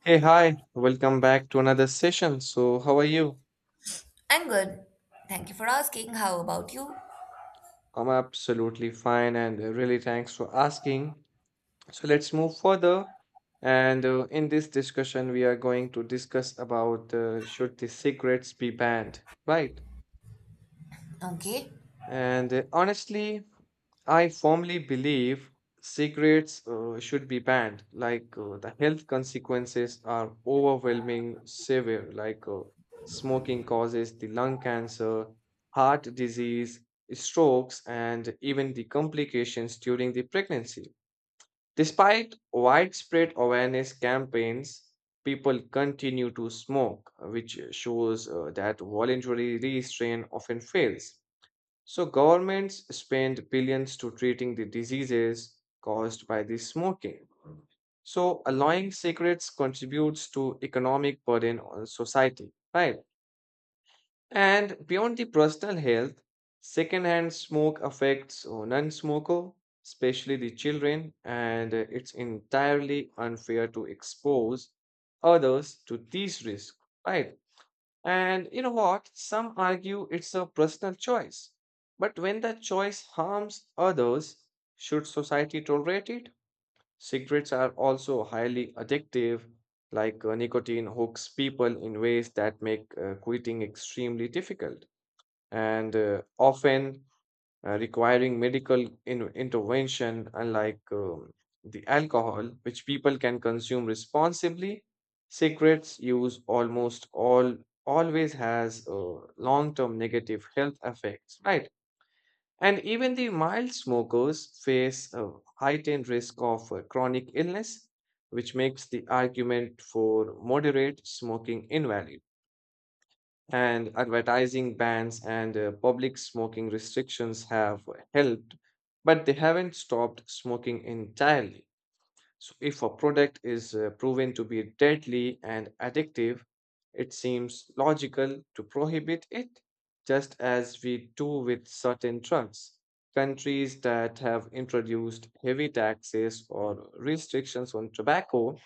Hey, hi, welcome back to another session. So, how are you? I'm good. Thank you for asking. How about you? I'm absolutely fine and really thanks for asking. So, let's move further. And in this discussion, we are going to discuss about should the cigarettes be banned, right? Okay. And honestly, I firmly believe cigarettes should be banned. The health consequences are overwhelming, severe. Smoking causes the lung cancer, heart disease, strokes, and even the complications during the pregnancy. Despite widespread awareness campaigns, people continue to smoke, which shows that voluntary restraint often fails. So governments spend billions to treating the diseases caused by the smoking. So allowing cigarettes contributes to economic burden on society, right? And beyond the personal health, secondhand smoke affects non-smoker, especially the children, and it's entirely unfair to expose others to these risks, right? And you know what? Some argue it's a personal choice. But when that choice harms others, should society tolerate it? Cigarettes are also highly addictive, Nicotine hooks people in ways that make quitting extremely difficult. And often requiring medical intervention, unlike the alcohol, which people can consume responsibly. Cigarettes use almost all always has long-term negative health effects, right? And even the mild smokers face a heightened risk of chronic illness, which makes the argument for moderate smoking invalid, and advertising bans and public smoking restrictions have helped, but they haven't stopped smoking entirely. So, if a product is proven to be deadly and addictive, it seems logical to prohibit it, just as we do with certain drugs. Countries that have introduced heavy taxes or restrictions on tobacco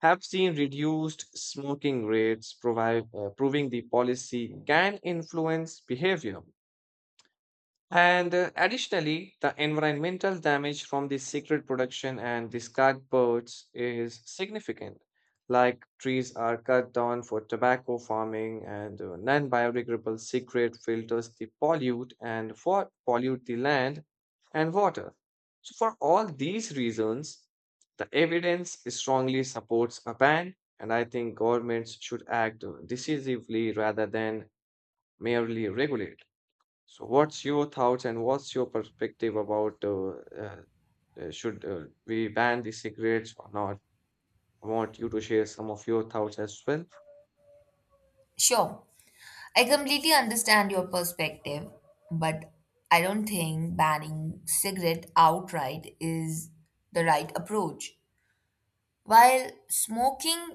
have seen reduced smoking rates, proving the policy can influence behavior. And additionally, the environmental damage from this cigarette production and discard birds is significant. Like trees are cut down for tobacco farming, and non-biodegradable cigarette filters they pollute and for pollute the land and water. So for all these reasons, the evidence strongly supports a ban, and I think governments should act decisively rather than merely regulate. So what's your thoughts and what's your perspective about uh, should we ban the cigarettes or not? I want you to share some of your thoughts as well. Sure. I completely understand your perspective, but I don't think banning cigarette outright is the right approach. While smoking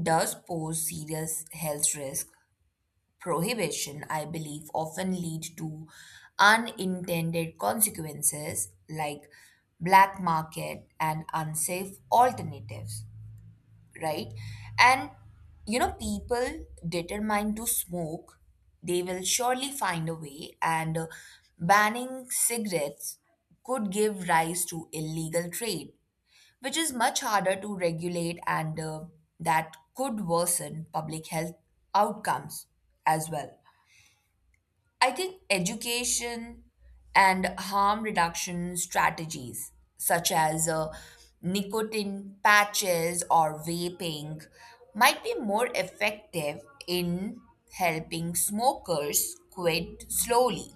does pose serious health risk, prohibition, I believe, often lead to unintended consequences like black market and unsafe alternatives, right? And People determined to smoke, they will surely find a way, and banning cigarettes could give rise to illegal trade, which is much harder to regulate, and that could worsen public health outcomes as well. I think education and harm reduction strategies, such as nicotine patches or vaping, might be more effective in helping smokers quit slowly,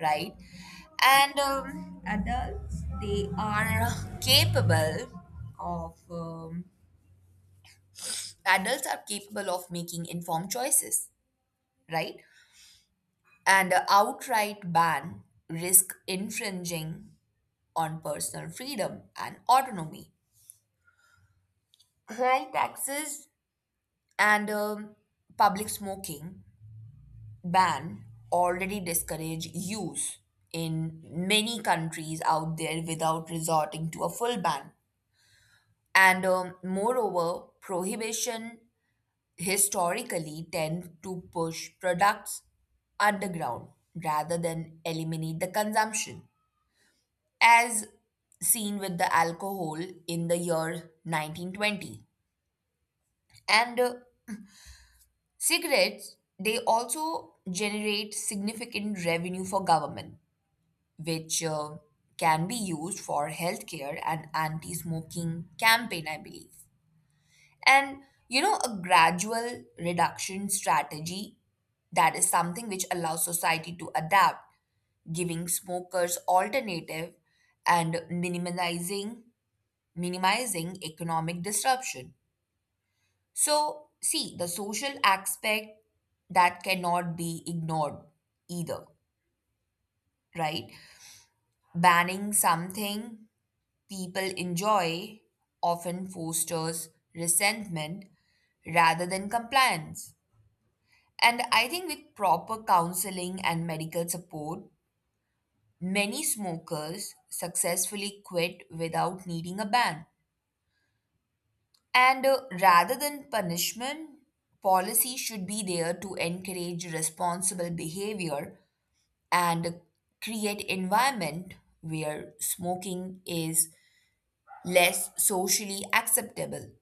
right? And adults, they are capable of, Adults are capable of making informed choices, right? And an outright ban risk infringing on personal freedom and autonomy. High taxes and public smoking ban already discourage use in many countries out there without resorting to a full ban. And moreover, prohibition historically tend to push products underground rather than eliminate the consumption, as seen with the alcohol in the year 1920. And cigarettes, they also generate significant revenue for government, which can be used for healthcare and anti smoking campaign, I believe. And you know, a gradual reduction strategy, that is something which allows society to adapt, giving smokers alternative and minimizing economic disruption. So, see, the social aspect that cannot be ignored either, right? Banning something people enjoy often fosters resentment rather than compliance. And I think with proper counseling and medical support, many smokers successfully quit without needing a ban. And rather than punishment, policy should be there to encourage responsible behavior and create environment where smoking is less socially acceptable.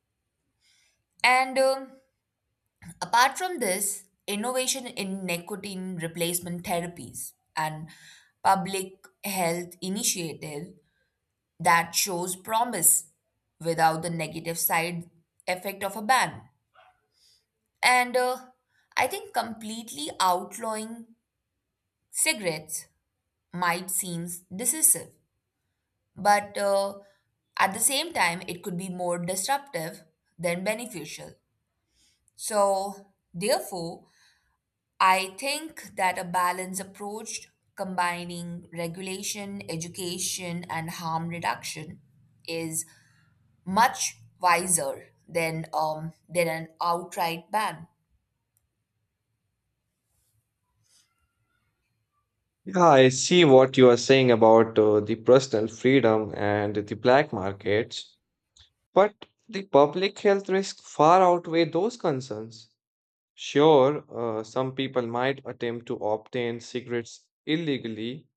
And apart from this, innovation in nicotine replacement therapies and public health initiative that shows promise without the negative side effect of a ban. And I think completely outlawing cigarettes might seem decisive, but at the same time, it could be more disruptive than beneficial. So, therefore, I think that a balanced approach combining regulation, education, and harm reduction is much wiser than an outright ban. Yeah, I see what you are saying about the personal freedom and the black markets. But the public health risks far outweigh those concerns. Sure, some people might attempt to obtain cigarettes illegally,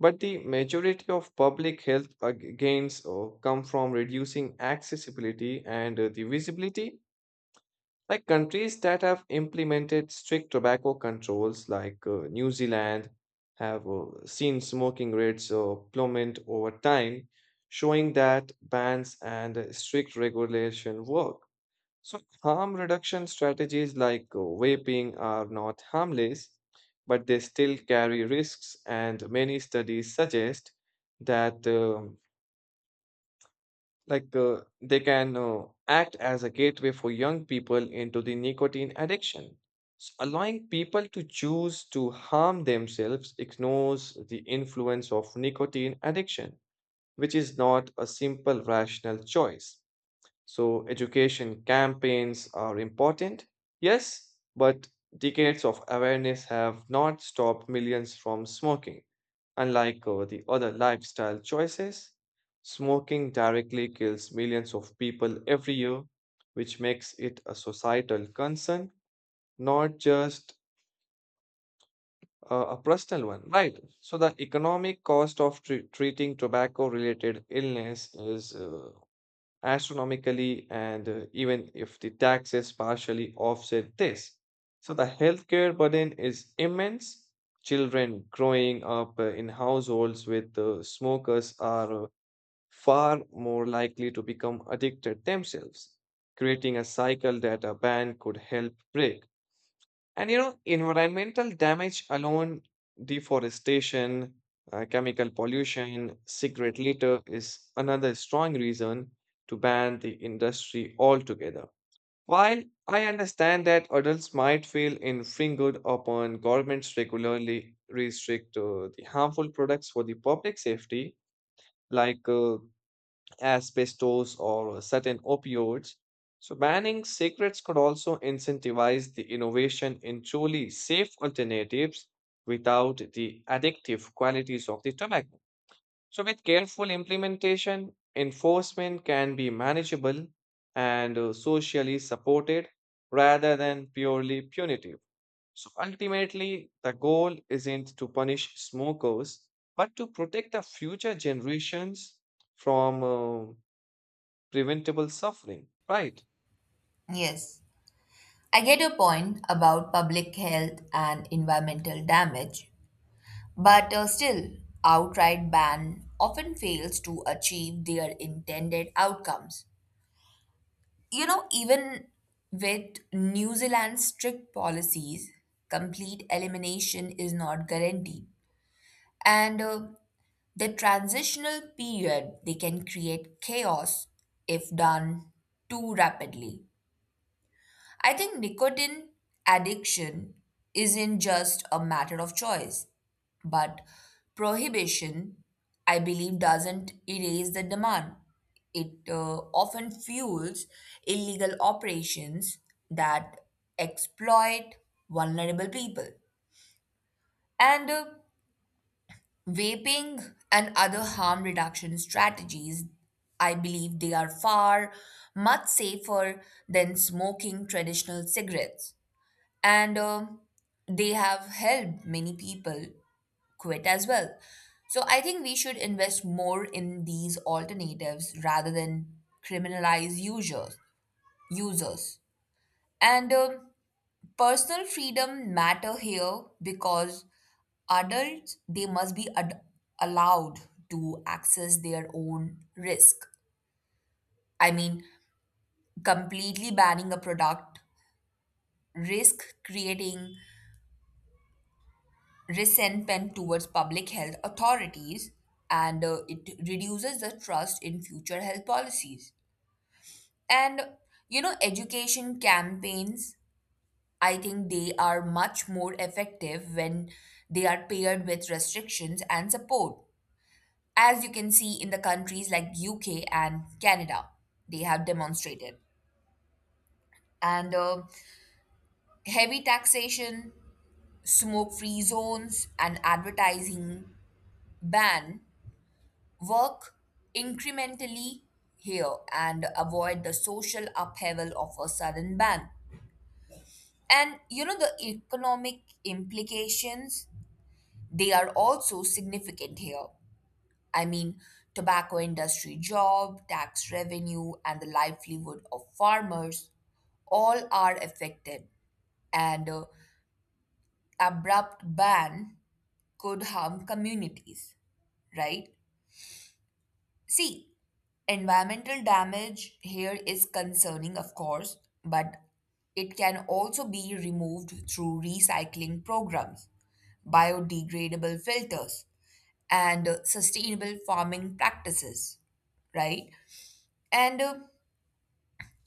but the majority of public health gains come from reducing accessibility and the visibility. Like countries that have implemented strict tobacco controls, like New Zealand, have seen smoking rates plummet over time, showing that bans and strict regulation work. So, harm reduction strategies like vaping are not harmless, but they still carry risks, and many studies suggest that they can act as a gateway for young people into the nicotine addiction. So allowing people to choose to harm themselves ignores the influence of nicotine addiction, which is not a simple rational choice. So, education campaigns are important, yes, but decades of awareness have not stopped millions from smoking. Unlike the other lifestyle choices, smoking directly kills millions of people every year, which makes it a societal concern, not just a personal one, right? So, the economic cost of treating tobacco related illness is astronomically, and even if the taxes partially offset this. So the healthcare burden is immense. Children growing up in households with smokers are far more likely to become addicted themselves, creating a cycle that a ban could help break. And you know, environmental damage alone, deforestation, chemical pollution, cigarette litter is another strong reason to ban the industry altogether. While I understand that adults might feel infringed upon governments regularly restrict the harmful products for the public safety, like asbestos, or certain opioids. So, banning cigarettes could also incentivize the innovation in truly safe alternatives without the addictive qualities of the tobacco. So, with careful implementation, enforcement can be manageable and socially supported rather than purely punitive. So, ultimately, the goal isn't to punish smokers, but to protect the future generations from uh, preventable suffering, right? Yes. I get your point about public health and environmental damage, but still, outright ban often fails to achieve their intended outcomes. You know, even with New Zealand's strict policies, complete elimination is not guaranteed. And the transitional period, they can create chaos if done too rapidly. I think nicotine addiction isn't just a matter of choice, but prohibition, I believe, doesn't erase the demand. It often fuels illegal operations that exploit vulnerable people. And vaping and other harm reduction strategies, I believe they are far much safer than smoking traditional cigarettes and they have helped many people quit as well. So I think we should invest more in these alternatives rather than criminalize users. Users and personal freedom matter here because adults they must be allowed to access their own risk. I mean, completely banning a product risk creating resentment towards public health authorities and it reduces the trust in future health policies. And you know, education campaigns, I think they are much more effective when they are paired with restrictions and support, as you can see in the countries like UK and Canada they have demonstrated. And heavy taxation, smoke free zones, and advertising ban work incrementally here and avoid the social upheaval of a sudden ban. And you know, the economic implications, they are also significant here. I mean, tobacco industry job, tax revenue, and the livelihood of farmers all are affected. And abrupt ban could harm communities, right? See, environmental damage here is concerning, of course, but it can also be removed through recycling programs, biodegradable filters, and sustainable farming practices, right? And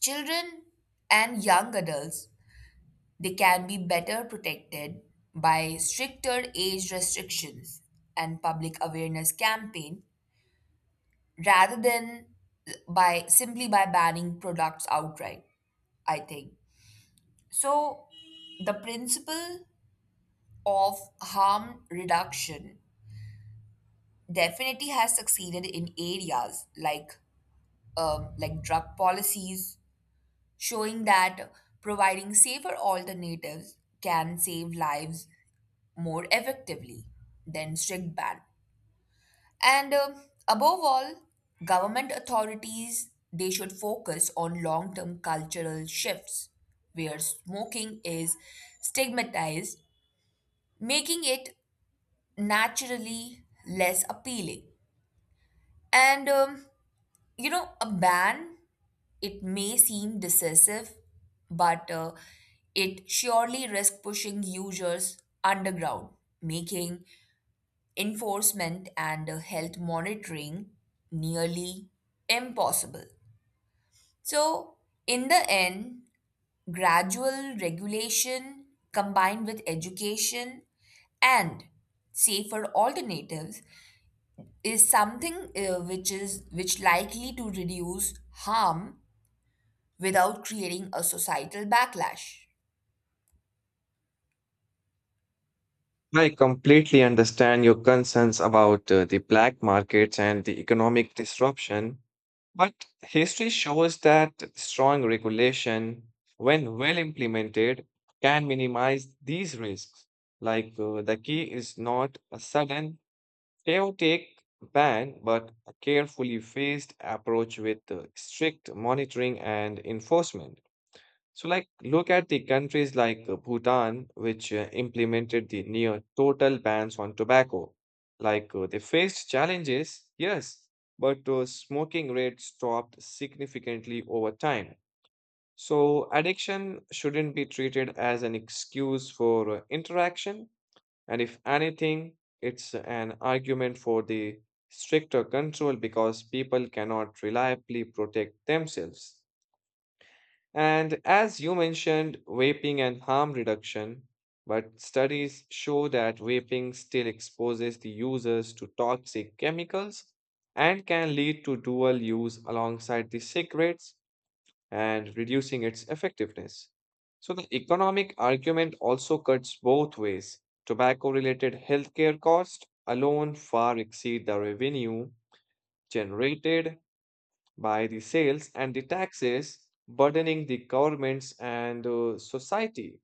children and young adults, they can be better protected by stricter age restrictions and public awareness campaign rather than by simply by banning products outright, I think. So the principle of harm reduction definitely has succeeded in areas like drug policies, showing that providing safer alternatives can save lives more effectively than strict ban. And above all, government authorities they should focus on long-term cultural shifts where smoking is stigmatized, making it naturally less appealing. And you know, a ban, it may seem decisive, but it surely risks pushing users underground, making enforcement and health monitoring nearly impossible. So, in the end, gradual regulation combined with education and safer alternatives is something which likely to reduce harm without creating a societal backlash. I completely understand your concerns about the black markets and the economic disruption, but history shows that strong regulation, when well implemented, can minimize these risks. The key is not a sudden, chaotic ban, but a carefully phased approach with strict monitoring and enforcement. So, like, look at the countries like Bhutan, which implemented the near total bans on tobacco. Like, they faced challenges, yes, but smoking rates dropped significantly over time. So, addiction shouldn't be treated as an excuse for interaction. And if anything, it's an argument for the stricter control because people cannot reliably protect themselves. And as you mentioned, vaping and harm reduction, but studies show that vaping still exposes the users to toxic chemicals and can lead to dual use alongside the cigarettes and reducing its effectiveness. So the economic argument also cuts both ways. Tobacco-related healthcare costs alone far exceed the revenue generated by the sales and the taxes, burdening the governments and society.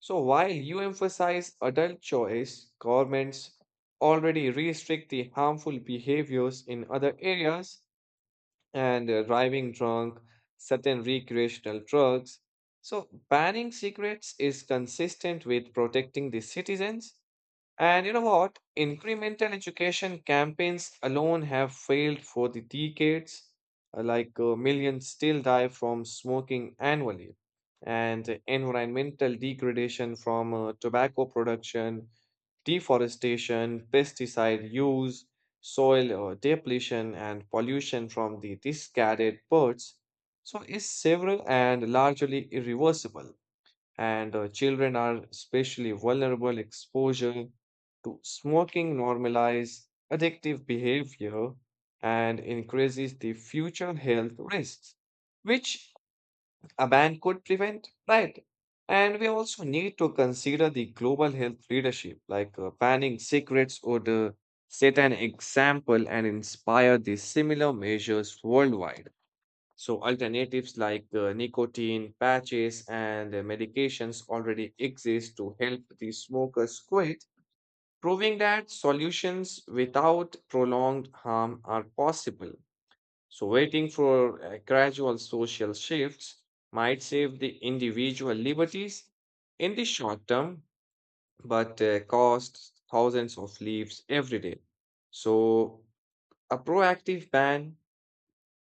So, while you emphasize adult choice, governments already restrict the harmful behaviors in other areas and driving drunk, certain recreational drugs. So, banning cigarettes is consistent with protecting the citizens. And you know what? Incremental education campaigns alone have failed for the decades. Millions still die from smoking annually, and environmental degradation from tobacco production, deforestation, pesticide use, soil depletion, and pollution from the discarded birds. So is several and largely irreversible, and children are especially vulnerable. Exposure to smoking normalize addictive behavior and increases the future health risks, which a ban could prevent, right? And we also need to consider the global health leadership, like banning cigarettes would set an example and inspire the similar measures worldwide. So alternatives like nicotine patches and medications already exist to help the smokers quit, proving that solutions without prolonged harm are possible. So waiting for gradual social shifts might save the individual liberties in the short term, but costs thousands of lives every day. So a proactive ban,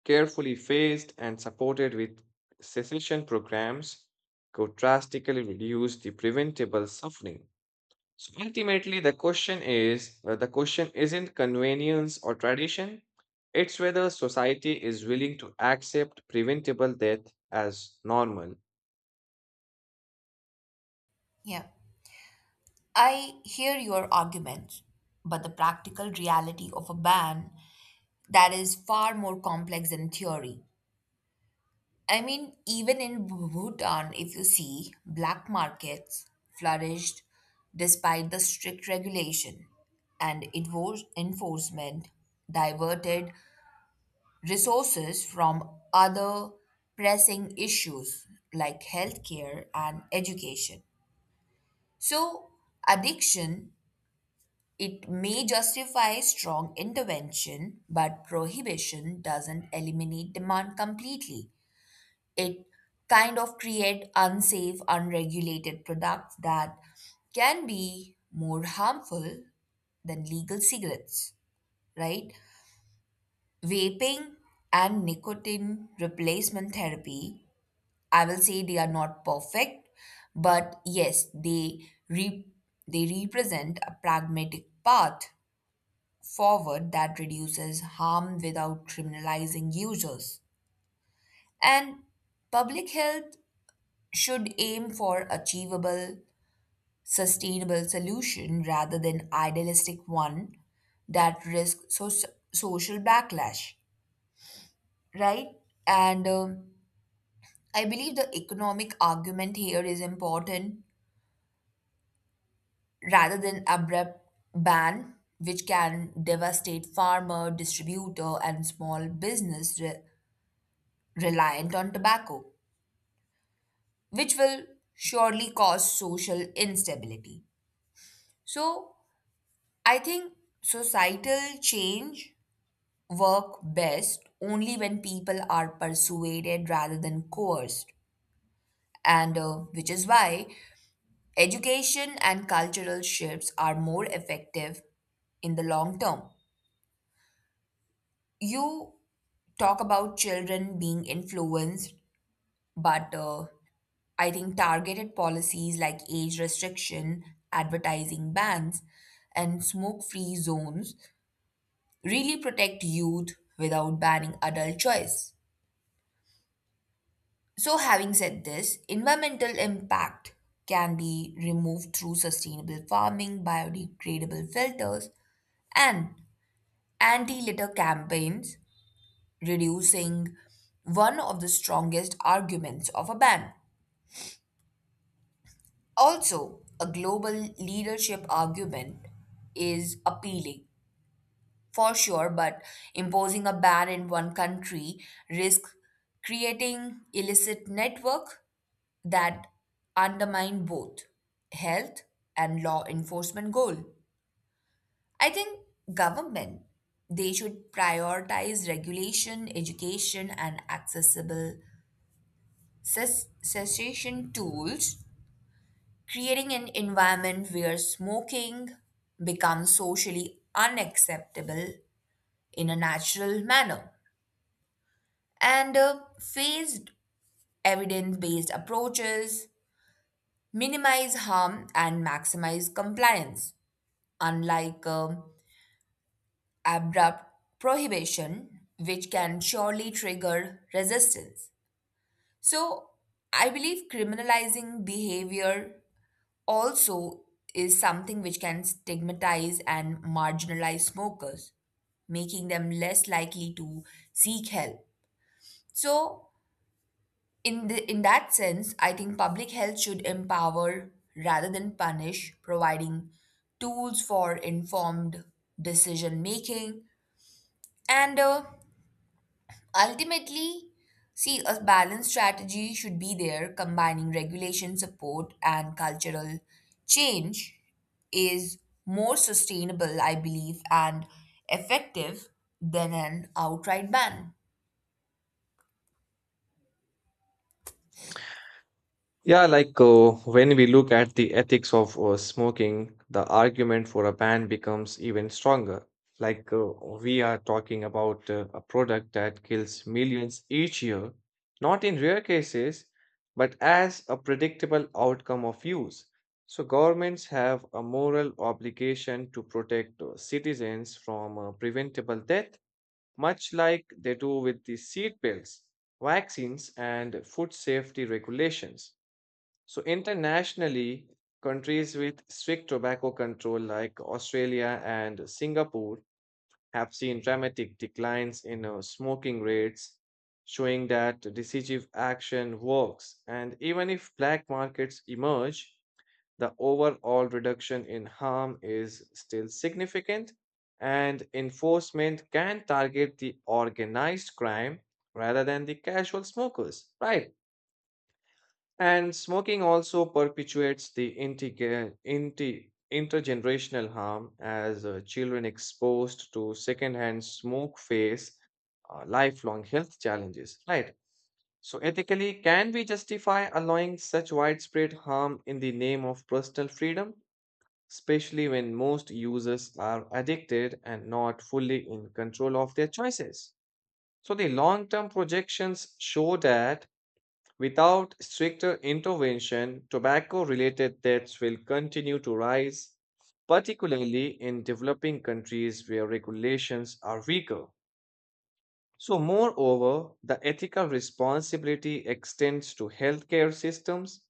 carefully phased and supported with cessation programs, could drastically reduce the preventable suffering. So ultimately, the question isn't convenience or tradition, it's whether society is willing to accept preventable death as normal. Yeah. I hear your arguments, but the practical reality of a ban, that is far more complex than theory. I mean, even in Bhutan, if you see, black markets flourished despite the strict regulation, and enforcement diverted resources from other pressing issues like healthcare and education. So, addiction it may justify strong intervention, but prohibition doesn't eliminate demand completely. It kind of create unsafe unregulated products that can be more harmful than legal cigarettes, right? Vaping and nicotine replacement therapy, I will say they are not perfect, but yes they re- they represent a pragmatic path forward that reduces harm without criminalizing users. And public health should aim for achievable, sustainable solution rather than idealistic one that risks social backlash, right? And I believe the economic argument here is important rather than abrupt ban, which can devastate farmer, distributor, and small business reliant on tobacco, which will surely cause social instability. So I think societal change work best only when people are persuaded rather than coerced. And which is why education and cultural shifts are more effective in the long term. You talk about children being influenced, but I think targeted policies like age restriction, advertising bans, and smoke free zones really protect youth without banning adult choice. So, having said this, environmental impact can be removed through sustainable farming, biodegradable filters, and anti litter campaigns, reducing one of the strongest arguments of a ban. Also, a global leadership argument is appealing for sure, but imposing a ban in one country risks creating illicit network that undermine both health and law enforcement goal. I think government they should prioritize regulation, education, and accessible cessation tools, creating an environment where smoking becomes socially unacceptable in a natural manner. And phased evidence based approaches minimize harm and maximize compliance, unlike abrupt prohibition, which can surely trigger resistance. So, I believe criminalizing behavior also is something which can stigmatize and marginalize smokers, making them less likely to seek help. So, in that sense, I think public health should empower rather than punish, providing tools for informed decision making. And ultimately, see, a balanced strategy should be there, combining regulation support and cultural change is more sustainable, I believe, and effective than an outright ban. Yeah, like when we look at the ethics of smoking, the argument for a ban becomes even stronger. Like we are talking about a product that kills millions each year, not in rare cases, but as a predictable outcome of use. So governments have a moral obligation to protect citizens from preventable death, much like they do with the seat belts, vaccines, and food safety regulations. So internationally, countries with strict tobacco control like Australia and Singapore have seen dramatic declines in smoking rates, showing that decisive action works. And even if black markets emerge, the overall reduction in harm is still significant, and enforcement can target the organized crime rather than the casual smokers, right? And smoking also perpetuates the intergenerational harm as children exposed to secondhand smoke face lifelong health challenges, right? So, ethically, can we justify allowing such widespread harm in the name of personal freedom, especially when most users are addicted and not fully in control of their choices? So, the long term projections show that without stricter intervention, tobacco related deaths will continue to rise, particularly in developing countries where regulations are weaker. So, moreover, the ethical responsibility extends to healthcare systems.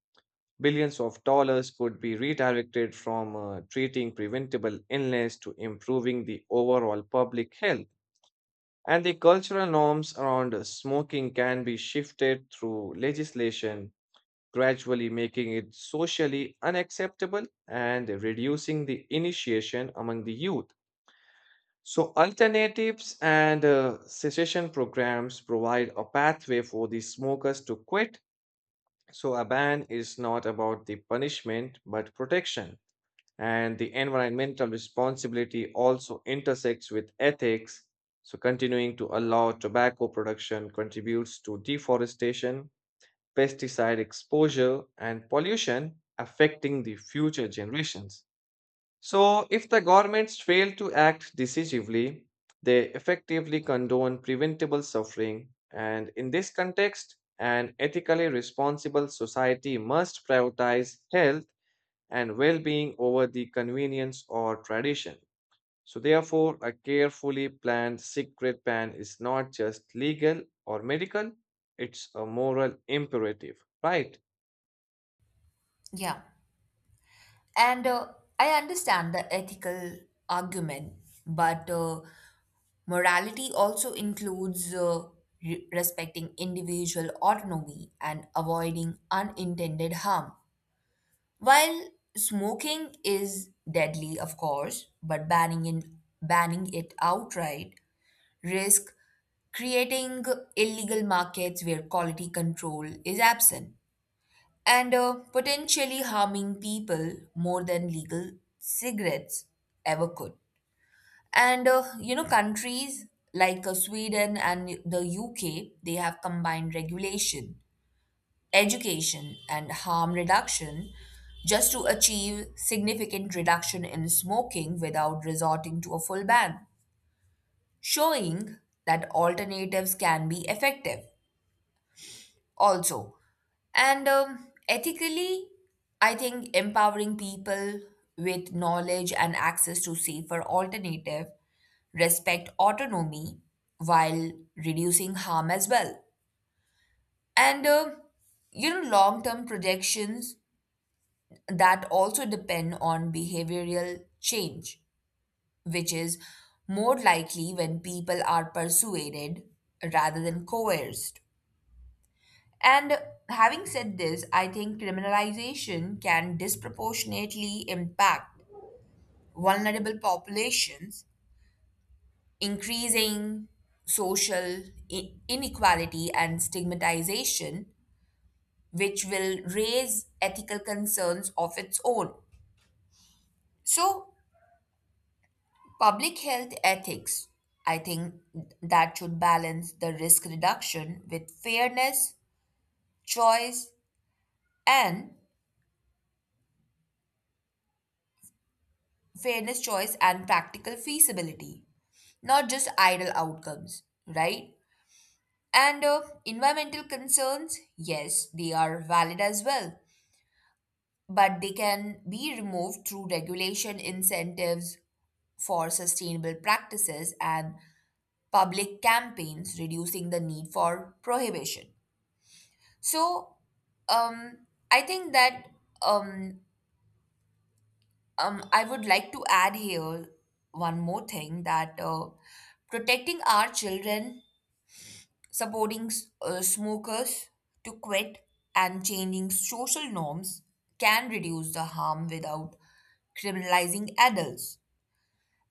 Billions of dollars could be redirected from treating preventable illness to improving the overall public health. And the cultural norms around smoking can be shifted through legislation, gradually making it socially unacceptable and reducing the initiation among the youth. So, alternatives and cessation programs provide a pathway for the smokers to quit. So, a ban is not about the punishment but protection. And the environmental responsibility also intersects with ethics. So, continuing to allow tobacco production contributes to deforestation, pesticide exposure, and pollution affecting the future generations. So, if the governments fail to act decisively, they effectively condone preventable suffering. And in this context, an ethically responsible society must prioritize health and well being over the convenience or tradition. So, therefore, a carefully planned cigarette ban is not just legal or medical, it's a moral imperative, right? Yeah. And I understand the ethical argument, but morality also includes respecting individual autonomy and avoiding unintended harm. While smoking is deadly, of course, but banning it outright risk creating illegal markets where quality control is absent and potentially harming people more than legal cigarettes ever could. And you know, countries like Sweden and the UK, they have combined regulation, education, and harm reduction just to achieve significant reduction in smoking without resorting to a full ban, showing that alternatives can be effective also. And ethically, I think empowering people with knowledge and access to safer alternative respect autonomy while reducing harm as well. And you know, long term projections that also depend on behavioral change, which is more likely when people are persuaded rather than coerced. And having said this, I think criminalization can disproportionately impact vulnerable populations, increasing social inequality and stigmatization, which will raise ethical concerns of its own. So, public health ethics, I think that should balance the risk reduction with choice, and fairness, choice, and practical feasibility, not just idle outcomes, right? And environmental concerns, yes, they are valid as well, but they can be removed through regulation incentives for sustainable practices and public campaigns, reducing the need for prohibition. So, I think that um, I would like to add here one more thing, that protecting our children, supporting smokers to quit, and changing social norms can reduce the harm without criminalizing adults.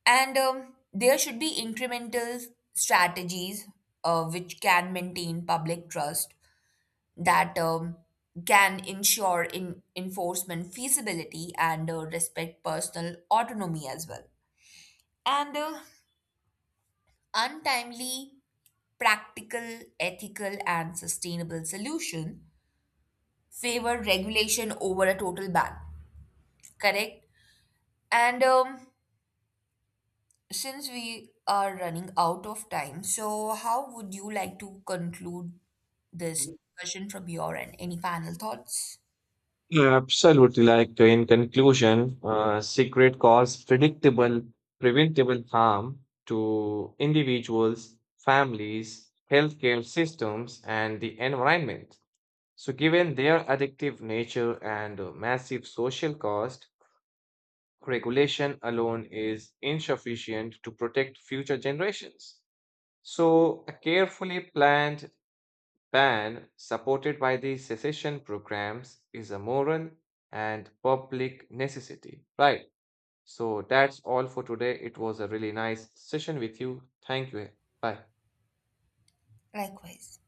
And there should be incremental strategies which can maintain public trust that can ensure in enforcement feasibility and respect personal autonomy as well. And untimely, practical, ethical, and sustainable solution favor regulation over a total ban, correct? And since we are running out of time, so how would you like to conclude this discussion from your end? Any final thoughts? Yeah, absolutely. Like in conclusion, secret cause predictable, preventable harm to individuals, families, healthcare systems, and the environment. So, given their addictive nature and massive social cost, regulation alone is insufficient to protect future generations. So, a carefully planned ban, supported by the secession programs, is a moral and public necessity. Right. So that's all for today. It was a really nice session with you. Thank you. Bye. Likewise.